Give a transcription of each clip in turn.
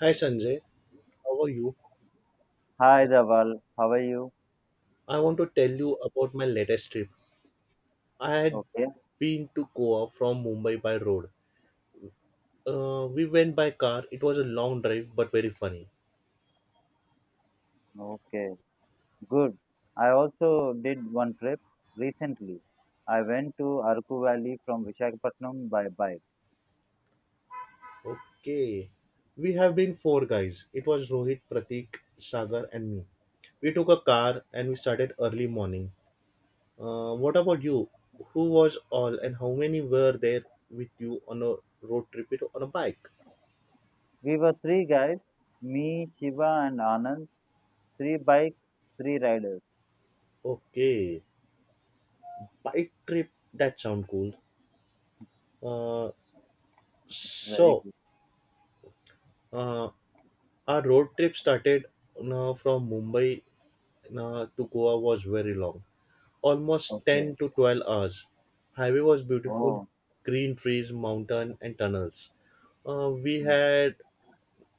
Hi Sanjay, how are you? Hi, Uh, Dhaval. How are you? I want to tell you about my latest trip. I had Okay. been to Goa from Mumbai by road. We went by car. It was a long drive but very funny. Okay. Good. I also did one trip recently. I went to Arku Valley from Visakhapatnam by bike. Okay. We have been four guys. It was Rohit, Pratik, Sagar, and me. We took a car and we started early morning. What about you? Who was all and how many were there with you on a road trip it on a bike? We were three guys, me, Shiva, and Anand. Three bikes, three riders. Okay, bike trip that sound cool. Uh, Very So, good. uh, our road trip started from Mumbai to Goa was very long, almost 10 Okay. to 12 hours. Highway was beautiful, Oh, green trees, mountain, and tunnels. Uh, we mm, had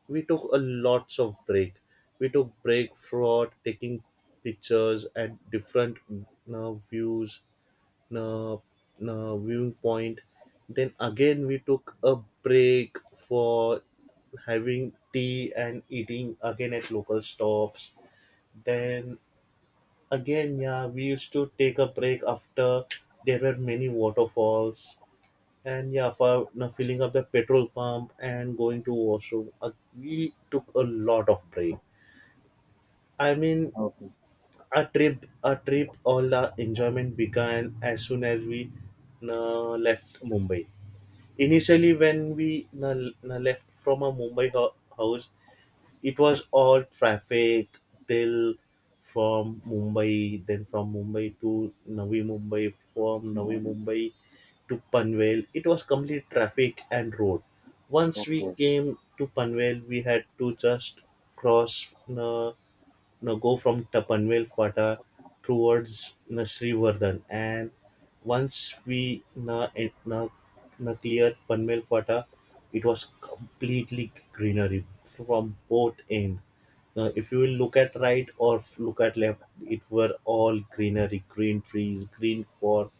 we took a lots of break. We took break for taking pictures at different views uh, viewing point. Then again, we took a break for having tea and eating again at local stops. Then again, yeah, we used to take a break after there were many waterfalls. And yeah, for filling up the petrol pump and going to washroom, we took a lot of break. I mean, okay. a trip, all the enjoyment began as soon as we left Mumbai. Initially, when we left from a Mumbai house, it was all traffic till from Mumbai, then from Mumbai to Navi Mumbai, from Navi Mm, Mumbai to Panvel. It was complete traffic and road. Once we okay. came to Panvel, we had to just cross. You know, go from the Panvelpata towards you know, Srivardhan. And once we cleared Panvelpata, it was completely greenery from both ends. Now, if you will look at right or look at left, it were all greenery, green trees,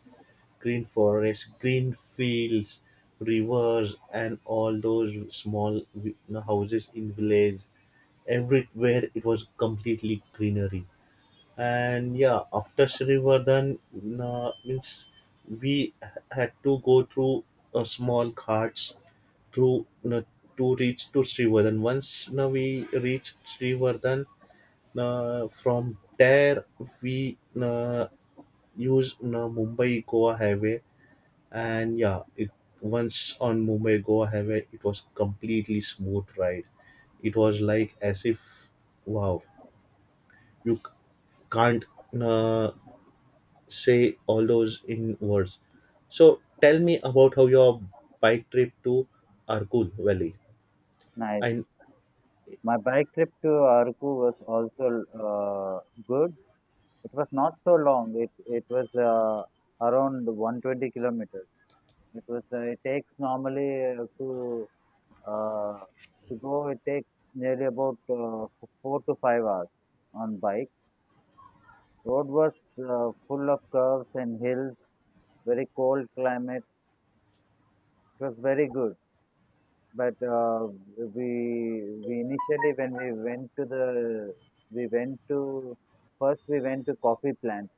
green forests, green fields, rivers, and all those small you know, houses in village everywhere it was completely greenery. And yeah, after Srivardhan, means we had to go through a small ghats through to reach to Srivardhan. Once now we reached Srivardhan, from there we use Mumbai Goa highway, and yeah, it once on Mumbai Goa highway it was completely smooth ride. It was like as if wow, you can't uh, say all those in words. So tell me about how your bike trip to Arkul Valley. Nice. And My bike trip to Arku was also uh, good. It was not so long. It was around 120 kilometers. Because it takes normally uh, to go, it takes nearly about 4 to 5 hours on bike. Road was full of curves and hills, very cold climate. It was very good. But we initially when we went to the we went to first we went to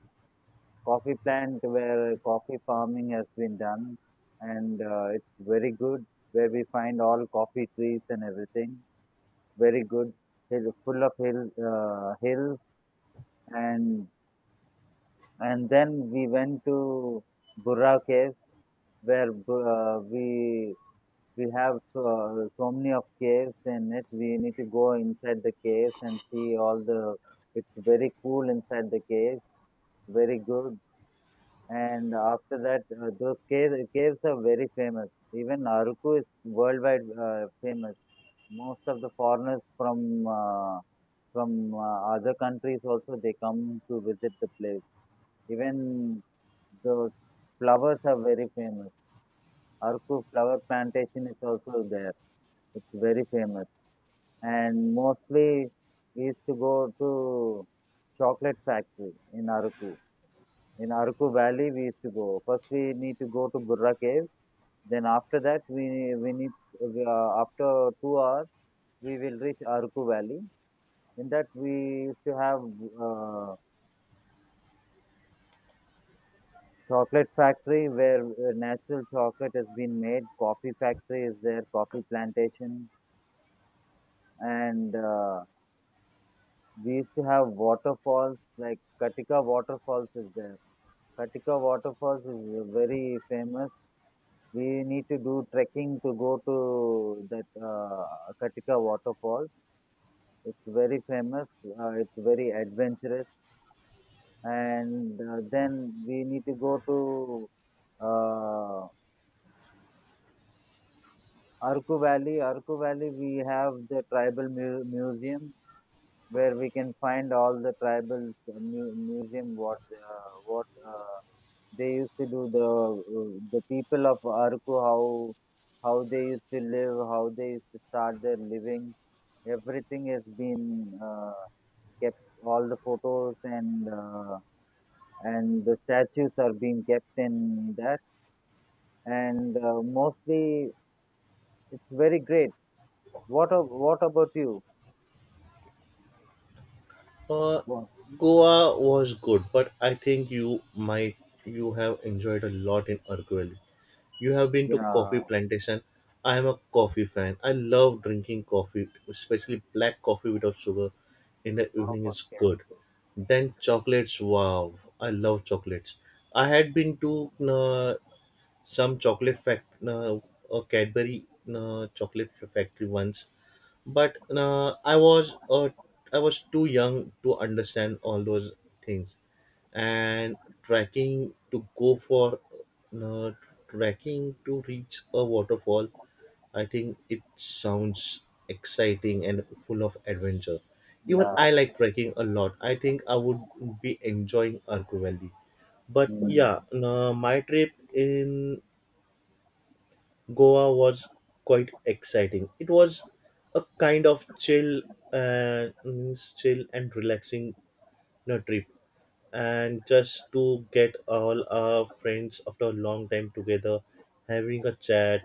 coffee plant where coffee farming has been done, and it's very good, where we find all coffee trees and everything. Very good, hill full of hill hills. And and then we went to Burra Cave, where we have so many of caves. In it, we need to go inside the caves and see all the, it's very cool inside the caves, very good. And after that, those caves are very famous. Even Aruku is worldwide famous. Most of the foreigners from other countries also, they come to visit the place. Even the flowers are very famous. Arku flower plantation is also there. It's very famous. And mostly we used to go to chocolate factory in Arku. In Araku Valley, we used to go. First, we need to go to Burra Cave. Then after that, after 2 hours we will reach Araku Valley. In that, we used to have uh, chocolate factory where natural chocolate has been made. Coffee factory is there, coffee plantation, and we used to have waterfalls like Katika waterfalls is there. Katika waterfalls is very famous. We need to do trekking to go to that Katika waterfall. It's very famous. It's very adventurous. And then we need to go to uh, Arku Valley. Arku Valley, we have the tribal museum, where we can find all the tribal museum, what they used to do, the people of Arku, how they used to live, how they used to start their living. Everything has been kept. All the photos and the statues are being kept in that. And mostly, it's very great. What about you? uh, What? Goa was good, but I think you might you have enjoyed a lot in Arkul Valley. You have been to coffee Yeah. plantation. I am a coffee fan. I love drinking coffee, especially black coffee without sugar. In the evening is good. Yes. Then chocolates. Wow, I love chocolates. I had been to some chocolate a Cadbury chocolate factory once, but I was too young to understand all those things, and trekking to go for uh, trekking to reach a waterfall. I think it sounds exciting and full of adventure. Even Yeah. I like trekking a lot. I think I would be enjoying Arco Valley, but Mm. yeah, my trip in Goa was quite exciting. It was a kind of chill, means chill and relaxing you trip, and just to get all our friends after a long time together, having a chat,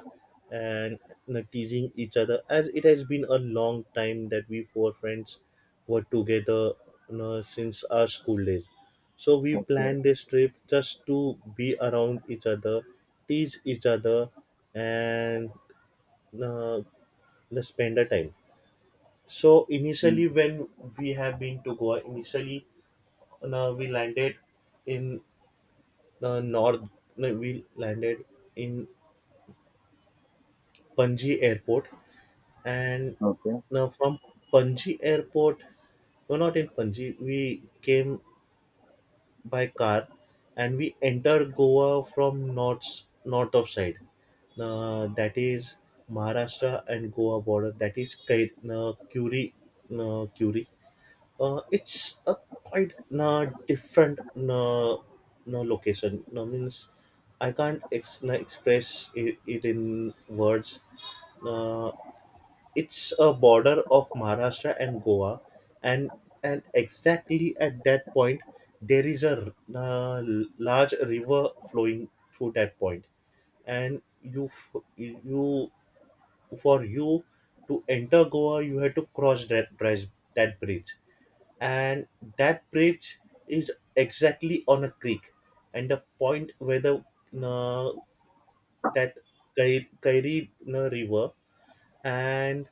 and you know, teasing each other as it has been a long time that we four friends were together, you know, since our school days. So we Okay. planned this trip just to be around each other, tease each other, and uh, just spend a time. So Mm. initially when we have been to Goa initially, we landed in the north. No, we landed in Panji airport. And Okay. now from Panji airport, no not in Panji, we came by car and we entered Goa from north, north of side, that is Maharashtra and Goa border, that is Kair, Curi, uh, it's a quite different no location, no means I can't express it, it in words. uh, it's a border of Maharashtra and Goa, and and exactly at that point there is a large river flowing through that point. And you you for you to enter Goa you had to cross that bridge, that bridge and that bridge is exactly on a creek. And the point where the uh, that Kairi river and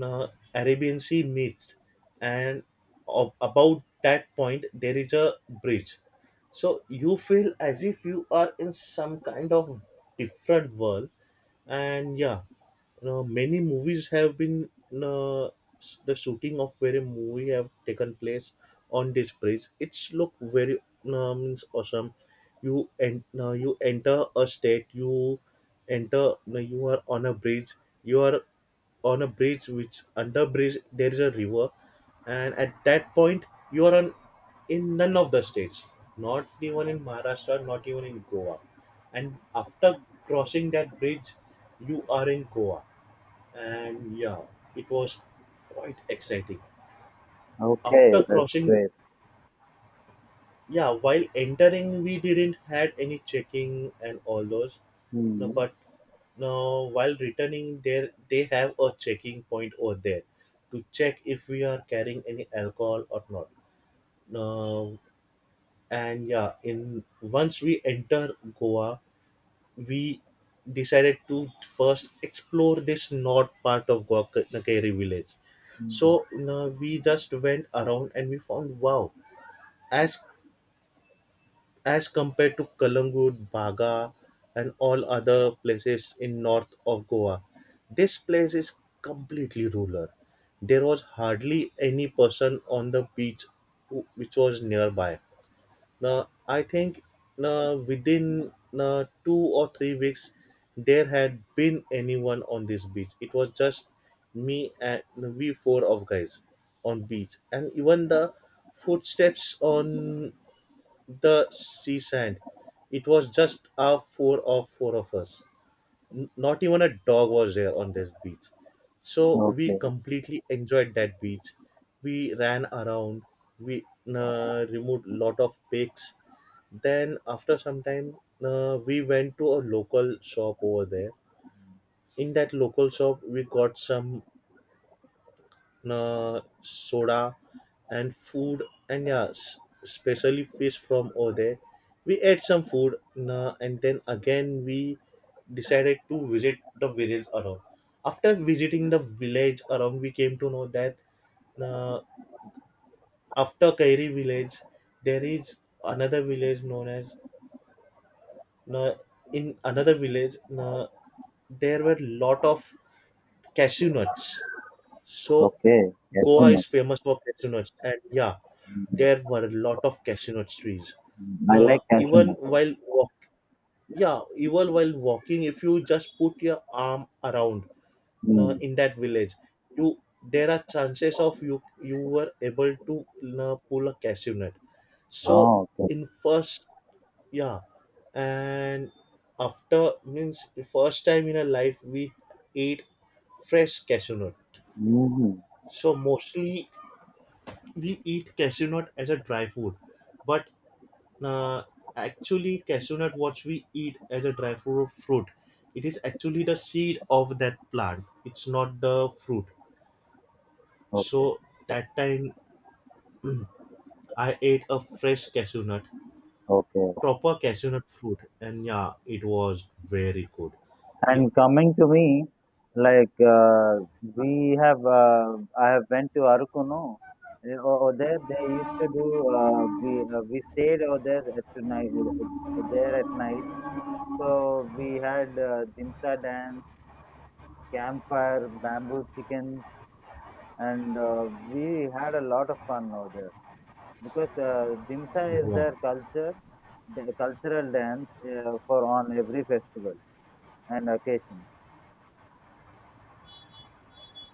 uh, Arabian Sea meets, and about that point there is a bridge. So you feel as if you are in some kind of different world. And yeah, many movies have been uh, the shooting of very movie have taken place on this bridge. It's look very means awesome. You and you enter a state, you enter you are on a bridge, you are on a bridge which under bridge there is a river. And at that point you are on, in none of the states, not even in Maharashtra, not even in Goa. And after crossing that bridge you are in Goa, and yeah, it was quite exciting. Okay. After That's crossing, great. yeah, while entering, we didn't had any checking and all those. No, Mm. but no, while returning, there they have a checking point over there to check if we are carrying any alcohol or not. No, and yeah, in once we enter Goa, we decided to first explore this north part of Guacanakeri village. Mm. So we just went around and we found wow, as as compared to Kalangut, Baga, and all other places in north of Goa, this place is completely rural. There was hardly any person on the beach which was nearby. Now, I think now within now 2 or 3 weeks, there had been anyone on this beach. It was just me and we four of guys on beach, and even the footsteps on the sea sand, it was just our four of us. Not even a dog was there on this beach. So we Okay. completely enjoyed that beach. We ran around. We removed lot of pigs. Then after some time, we went to a local shop over there. In that local shop we got some soda and food, and yeah especially fish from over there. We ate some food, and then again we decided to visit the village around. After visiting the village around we came to know that uh, after Kairi village there is another village known as uh, in another village, there were lot of cashew nuts. So Okay, cashew Goa nut. is famous for cashew nuts, and yeah, Mm. there were a lot of cashew nut trees. I Now, like cashew nuts. Yeah, even while walking, if you just put your arm around, now Mm. in that village, you there are chances of you were able to now pull a cashew nut. So Oh, okay. in first, yeah, and after means first time in our life we ate fresh cashew nut. Hmm. So mostly we eat cashew nut as a dry food, but uh, actually cashew nut what we eat as a dry fruit, it is actually the seed of that plant. It's not the fruit. Okay, So that time I ate a fresh cashew nut, okay, okay. proper cashew nut fruit, and yeah, it was very good. It And coming to me, we have, I have went to Arukuno. Eh, over there, they used to do. We stayed over there at night. There at night, so we had dimsa dance, campfire, bamboo chicken, and we had a lot of fun over there, because Dimsa is wow, their culture, the cultural dance for on every festival and occasion.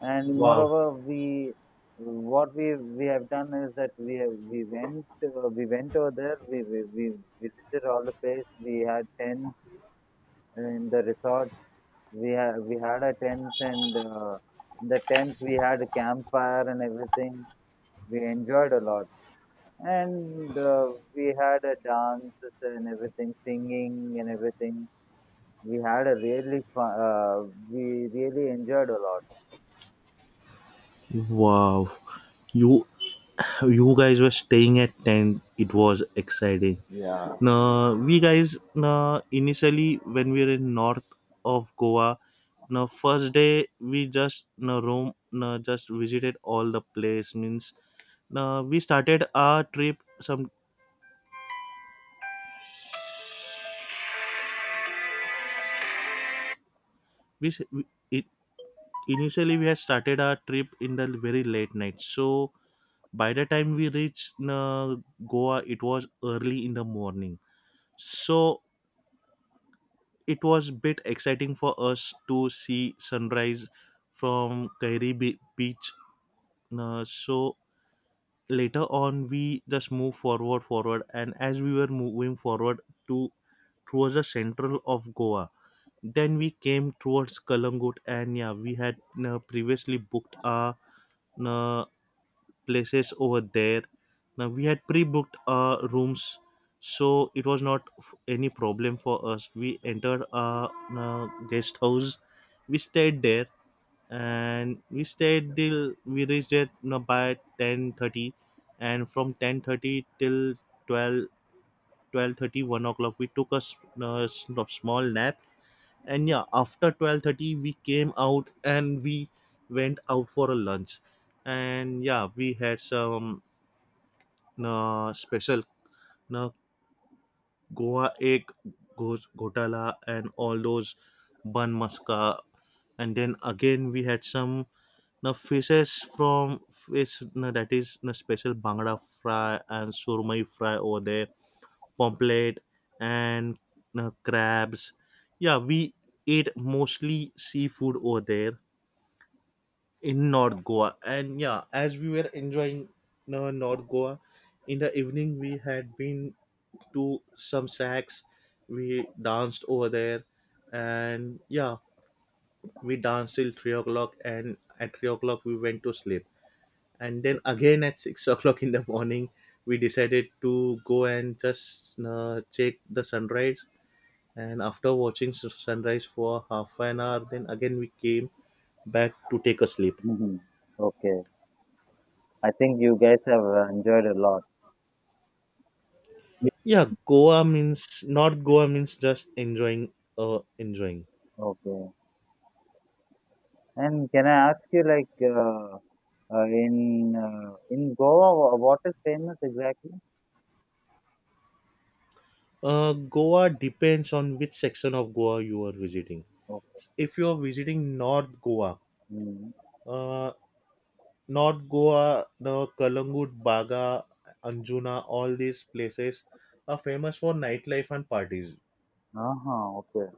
And wow, moreover, we what we have done is that we went over there. We visited all the place. We had tents in the resort. We had a tents, and in the tents we had a campfire and everything. We enjoyed a lot. And we had a dances and everything, singing and everything. We had a really fun, we really enjoyed a lot. wow. You you guys were staying at tent. It was exciting. Yeah. Now, we guys, now, initially, when we were in north of Goa, now, first day, we just, now, roam, now, just visited all the place. Means, now, we started our trip, some, we, s- we- it, initially, we had started our trip in the very late night. So, by the time we reached, now, Goa, it was early in the morning. So, it was bit exciting for us to see sunrise from Kairi Beach. So later on, we just move forward, and as we were moving forward to towards the central of Goa, then we came towards Kalangut, and yeah, we had previously booked our uh, places over there. Now we had pre-booked our rooms, so it was not any problem for us. We entered our guest house, we stayed there and we stayed till we reached there you know, by 10:30. And from 10:30 till 12 12:30, 1 o'clock we took a s- s- no, small nap. And yeah after 12:30 we came out and we went out for a lunch. And yeah we had some special uh, goa egg gotala and all those bun maska. And then again we had some now fishes from fish now that is now special bangda fry and surmai fry over there, pomfret, and now crabs. Yeah, we ate mostly seafood over there in North Goa. And yeah, as we were enjoying now North Goa, in the evening we had been to some sacks. We danced over there, and yeah, we danced till 3 o'clock. And at 3 o'clock we went to sleep, and then again at 6 o'clock in the morning we decided to go and just check the sunrise. And after watching sunrise for half an hour, then again we came back to take a sleep. Hmm. Okay. I think you guys have enjoyed a lot. Yeah. Yeah, Goa means, North Goa means just enjoying, enjoying. Okay. And can I ask you, like, in Goa, what is famous exactly? Goa depends on which section of Goa you are visiting. Okay. If you are visiting North Goa, Mm. uh North Goa, the Kalangut, Baga, Anjuna, all these places are famous for nightlife and parties. Uh-huh. Okay.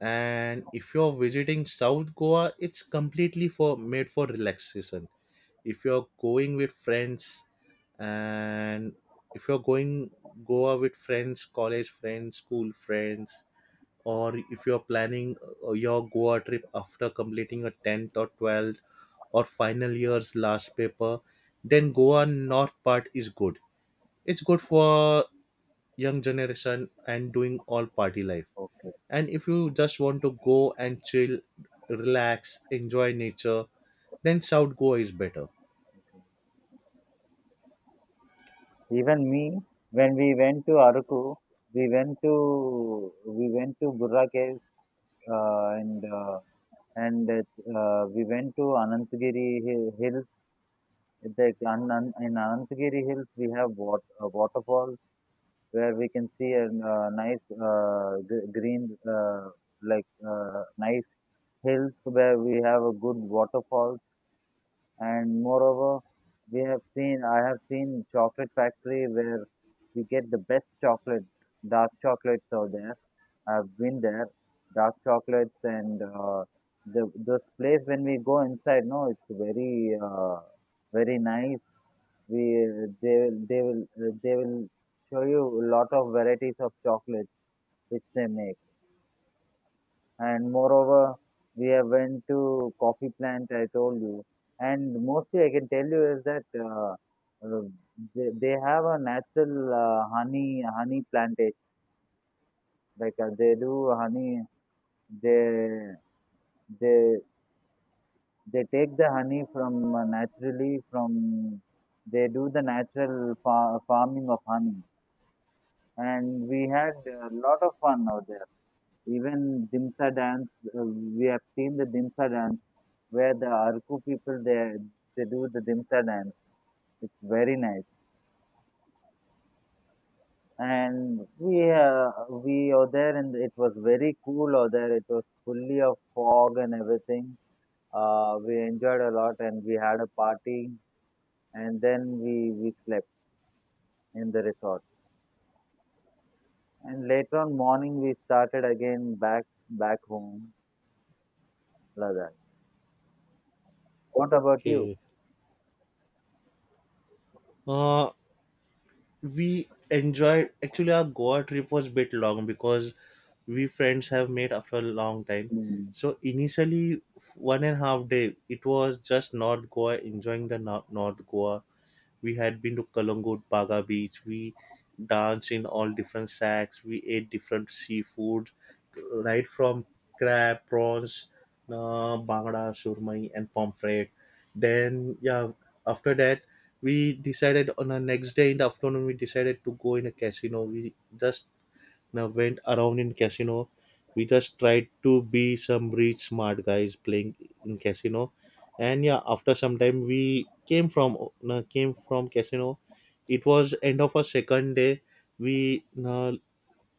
And if you're visiting South Goa, it's completely for made for relaxation. If you're going with friends and if you're going Goa with friends, college friends, school friends, or if you're planning your Goa trip after completing a 10th or 12th or final year's last paper, then Goa north part is good. It's good for young generation and doing all party life. Okay. And if you just want to go and chill, relax, enjoy nature, then South Goa is better. Even me, when we went to Araku, we went to Burra Caves, uh, and uh, and we went to Hills. The, An- in Anantagiri Hills, we have a waterfall, where we can see a, green, nice hills where we have a good waterfall. And moreover, we have seen I have seen chocolate factory where we get the best chocolate, dark chocolates out there. I've been there. Dark chocolates, and the this place, when we go inside, no, it's very nice. We they will they will uh, they will show you a lot of varieties of chocolates which they make. And moreover, we have went to coffee plant, I told you. And mostly, I can tell you is that uh, they have a natural honey plantation, like they do honey. they they they take the honey from, naturally, from they do the natural farming of honey, and we had a lot of fun out there. Even Dimsa dance, we have seen the Dimsa dance, where the Arku people, they do the Dimsa dance. It's very nice, and we are there, and it was very cool. Over there, it was fully of fog and everything. We enjoyed a lot, and we had a party, and then we slept in the resort. And later on morning, we started again back home, Ladakh. What about you? Okay. Uh, we enjoyed, actually our Goa trip was bit long because we friends have made after a long time, Mm. so initially 1.5 day it was just North Goa enjoying the North Goa. We had been to Kalangut Baga beach. We danced in all different sacks. We ate different seafood, right from crab, prawns, bangda, surmai, and pomfret. Then, yeah, after that, we decided on the next day in the afternoon, we decided to go in a casino. We just now went around in casino. We just tried to be some rich smart guys playing in casino, and yeah, after some time we came from casino. It was end of our second day. We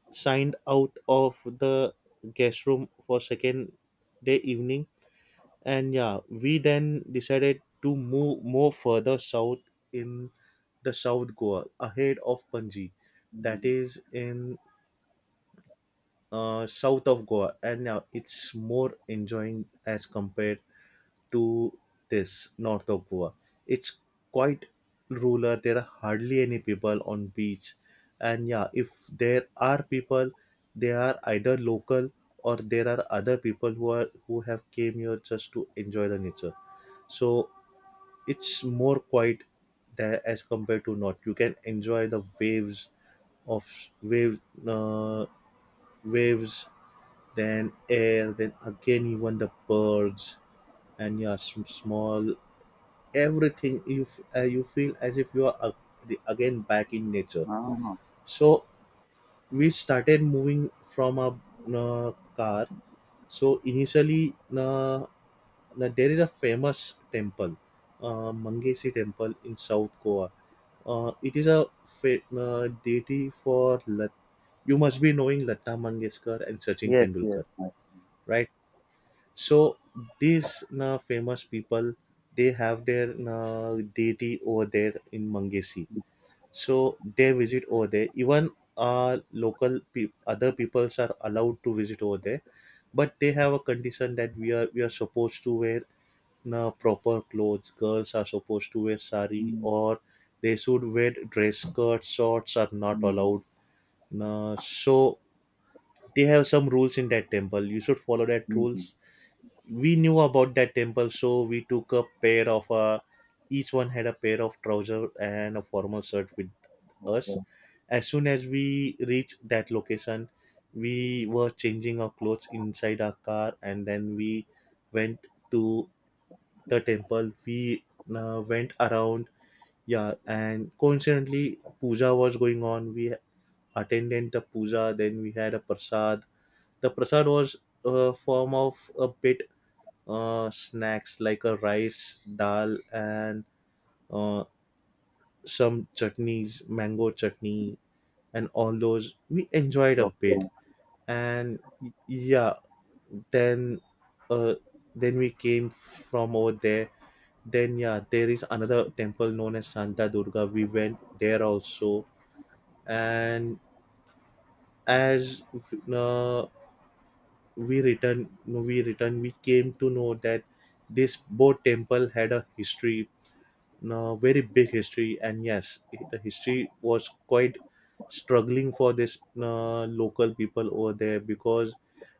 signed out of the guest room for second day evening, and yeah, we then decided to move more further south in the South Goa ahead of Panji, that Mm. is in south of Goa, and now it's more enjoying as compared to this north of Goa. It's quite rural. There are hardly any people on beach, and yeah, if there are people, they are either local, or there are other people who are who have came here just to enjoy the nature. So it's more quiet there as compared to north. You can enjoy the waves of wave uh, waves, then air, then again even the birds and your small, everything. You feel as if you are again back in nature. Ah. So we started moving from a car. So initially, there is a famous temple, Mangesi Temple in South Goa. It is a deity for you must be knowing Lata Mangeshkar and Sachin Yes, yes, Tendulkar, yes. right? So these na famous people, they have their na deity over there in Mangesi. So they visit over there. Even local pe other peoples are allowed to visit over there, but they have a condition that we are supposed to wear na proper clothes. Girls are supposed to wear sari, Mm, or they should wear dress skirts. Shorts are not mm, allowed. Na so they have some rules in that temple. You should follow that mhm. rules. We knew about that temple, so we took a pair of each one had a pair of trousers and a formal shirt with us. Okay, As soon as we reached that location, we were changing our clothes inside our car, and then we went to the temple. We went around, yeah, and coincidentally puja was going on. We attended the puja, then we had a prasad. The prasad was a form of a bit snacks, like a rice dal and uh, some chutneys, mango chutney and all those. We enjoyed a okay, bit. And yeah, then uh, then we came from over there. Then yeah, there is another temple known as Santa Durga. We went there also. And as uh, we returned, we came to know that this both temple had a history, no, very big history. And yes, the history was quite struggling for this local people over there, because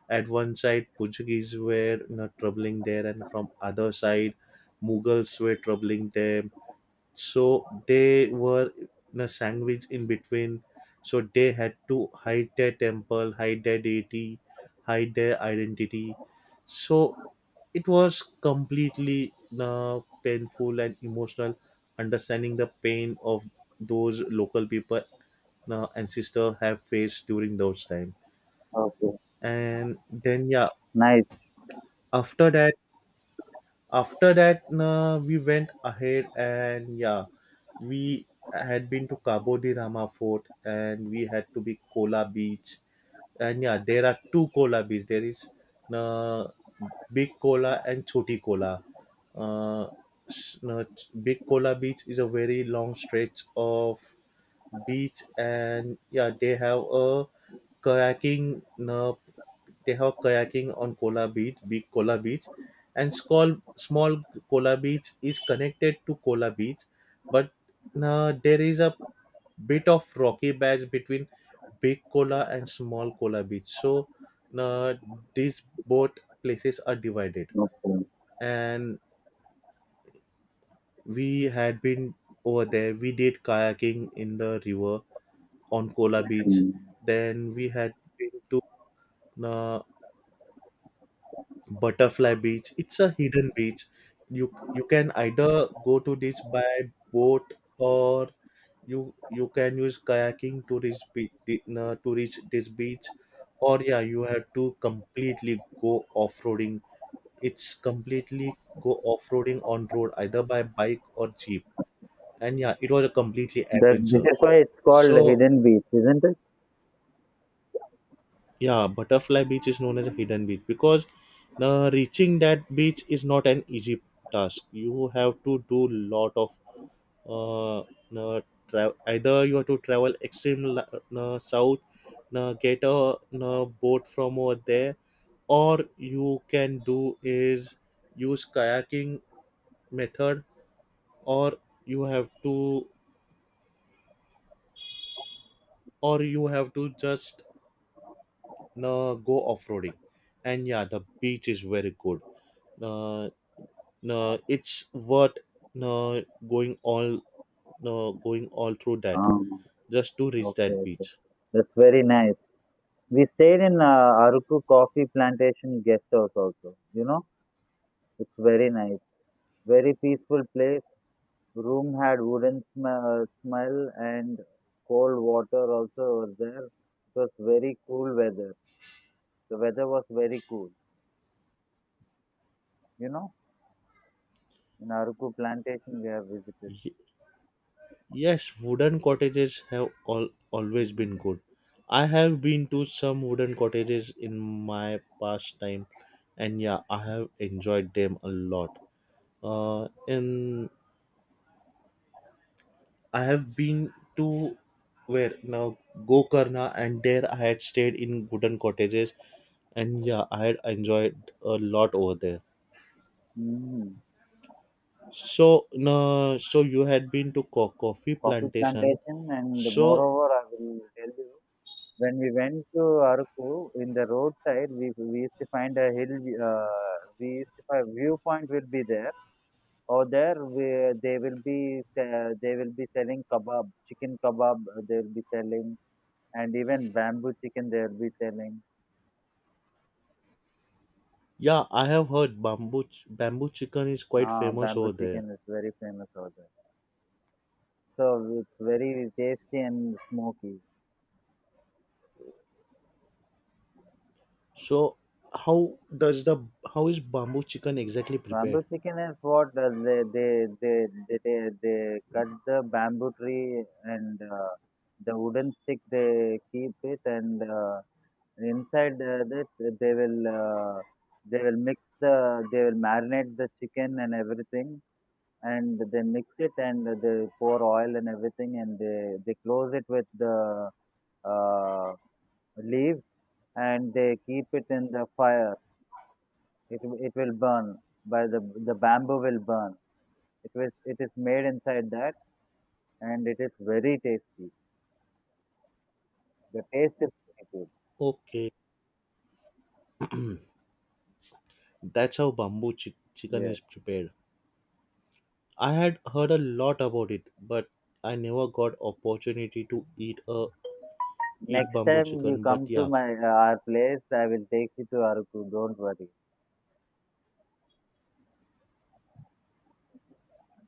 at one side Portuguese were, you know, troubling there, and from other side Mughals were troubling there. So they were in a sandwich in between. So they had to hide their temple, hide their deity, hide their identity. So it was completely painful and emotional, understanding the pain of those local people, ancestor, have faced during those time. okay. And then, yeah, Nice. after that, we went ahead. And yeah, we had been to Cabo de Rama Fort, and we had to be Kola Beach. And yeah, there are two Kola beach, there is uh, Big Kola and Choti Kola. uh, s- uh, Big Kola Beach is a very long stretch of beach. And yeah, they have a kayaking they have kayaking on Kola Beach, Big Kola Beach. And small Kola Beach is connected to Kola Beach, but there is a bit of rocky patch between Big Kola and Small Kola Beach. So uh, these both places are divided, Okay. and we had been over there. We did kayaking in the river on Kola Beach. Mm. Then we had been to uh, butterfly beach. It's a hidden beach. You can either go to this by boat, or you can use kayaking to reach to reach this beach. Or yeah, you have to completely go off-roading. It's completely go off-roading on road, either by bike or jeep. And yeah, it was a completely That this adventure. is why it's called So Hidden Beach, isn't it? yeah, Butterfly Beach is known as a hidden beach because reaching that beach is not an easy task. You have to do lot of uh, uh, either you have to travel extreme south, get a boat from over there, or you can do is use kayaking method, or you have to just go off roading. And yeah, the beach is very good. Uh, it's worth uh, going all going all through that Um, just to reach okay, that okay. beach. That's very nice. We stayed in Aruku Coffee Plantation guest house also. You know, it's very nice, very peaceful place. Room had wooden smell, and cold water also was there. It was very cool weather. The weather was very cool. You know. In Aruku plantation, we have visited. Y- yes, wooden cottages have all always been good. I have been to some wooden cottages in my past time, and yeah, I have enjoyed them a lot. And I have been to where now Gokarna, and there I had stayed in wooden cottages, and yeah, I had enjoyed a lot over there. Mm. So, no, so you had been to coffee Coffee plantation. plantation, and So, moreover, I will tell you, when we went to Aruku, in the roadside, we used to find a hill, uh, we used to find viewpoint will be there, or there they will be selling kebab, chicken kebab, they will be selling, and even bamboo chicken they will be selling. yeah, I have heard bamboo bamboo chicken is quite Ah, famous bamboo over there. chicken is very famous over there. So it's very tasty and smoky. So how does the how is bamboo chicken exactly Bamboo prepared? chicken is what they cut the bamboo tree, and the wooden stick they keep it, and inside that, they will uh, they will mix the, they will marinate the chicken and everything, and they mix it and they pour oil and everything, and they close it with the uh, leaves, and they keep it in the fire. It it will burn by the bamboo will burn. It was, it is made inside that, and it is very tasty. The taste is very good. Okay, that's how bamboo chicken Yes. is prepared. I had heard a lot about it, but I never got opportunity to eat Next bamboo time you chicken. But come to yeah, my our place, I will take you to Aruku. Don't worry.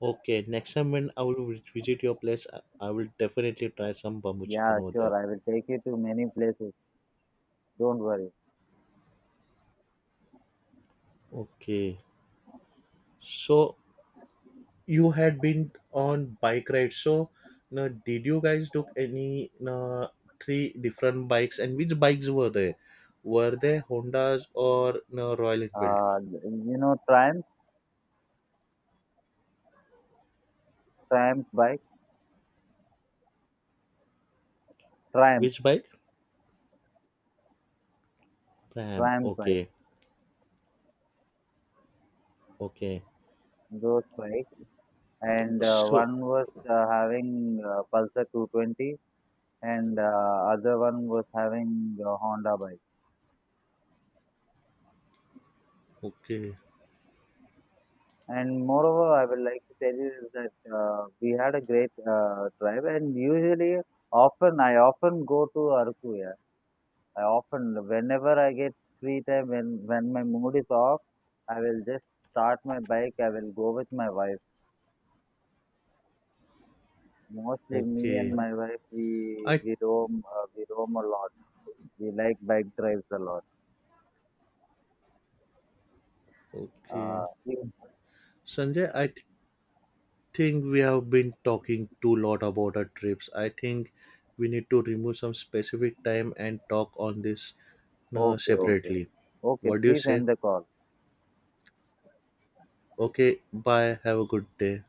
okay, next time when I will visit your place, I will definitely try some bamboo chicken Yeah, over there. sure. I will take you to many places. Don't worry. Okay, so you had been on bike ride. So now, did you guys took any three different bikes, and which bikes were they? Were they Hondas or, no, Royal Enfield? You know Triumph bike, Triumph, Which bike? Pram. Triumph bike. Okay, okay. Those bike, and So, one was having Pulsar 220, and other one was having a Honda bike. okay, And moreover, I would like to tell you is that we had a great drive. And usually, often I often go to Arkuya. I often, whenever I get free time, when my mood is off, I will just start my bike. I will go with my wife. Mostly, me and okay. my wife, we I we roam, we roam a lot. We like bike drives a lot. okay, Uh, Sanjay. Think we have been talking too lot about our trips. I think we need to remove some specific time and talk on this, no, okay, okay, separately. okay. What do you Please say? end the call. Okay, bye. Have a good day.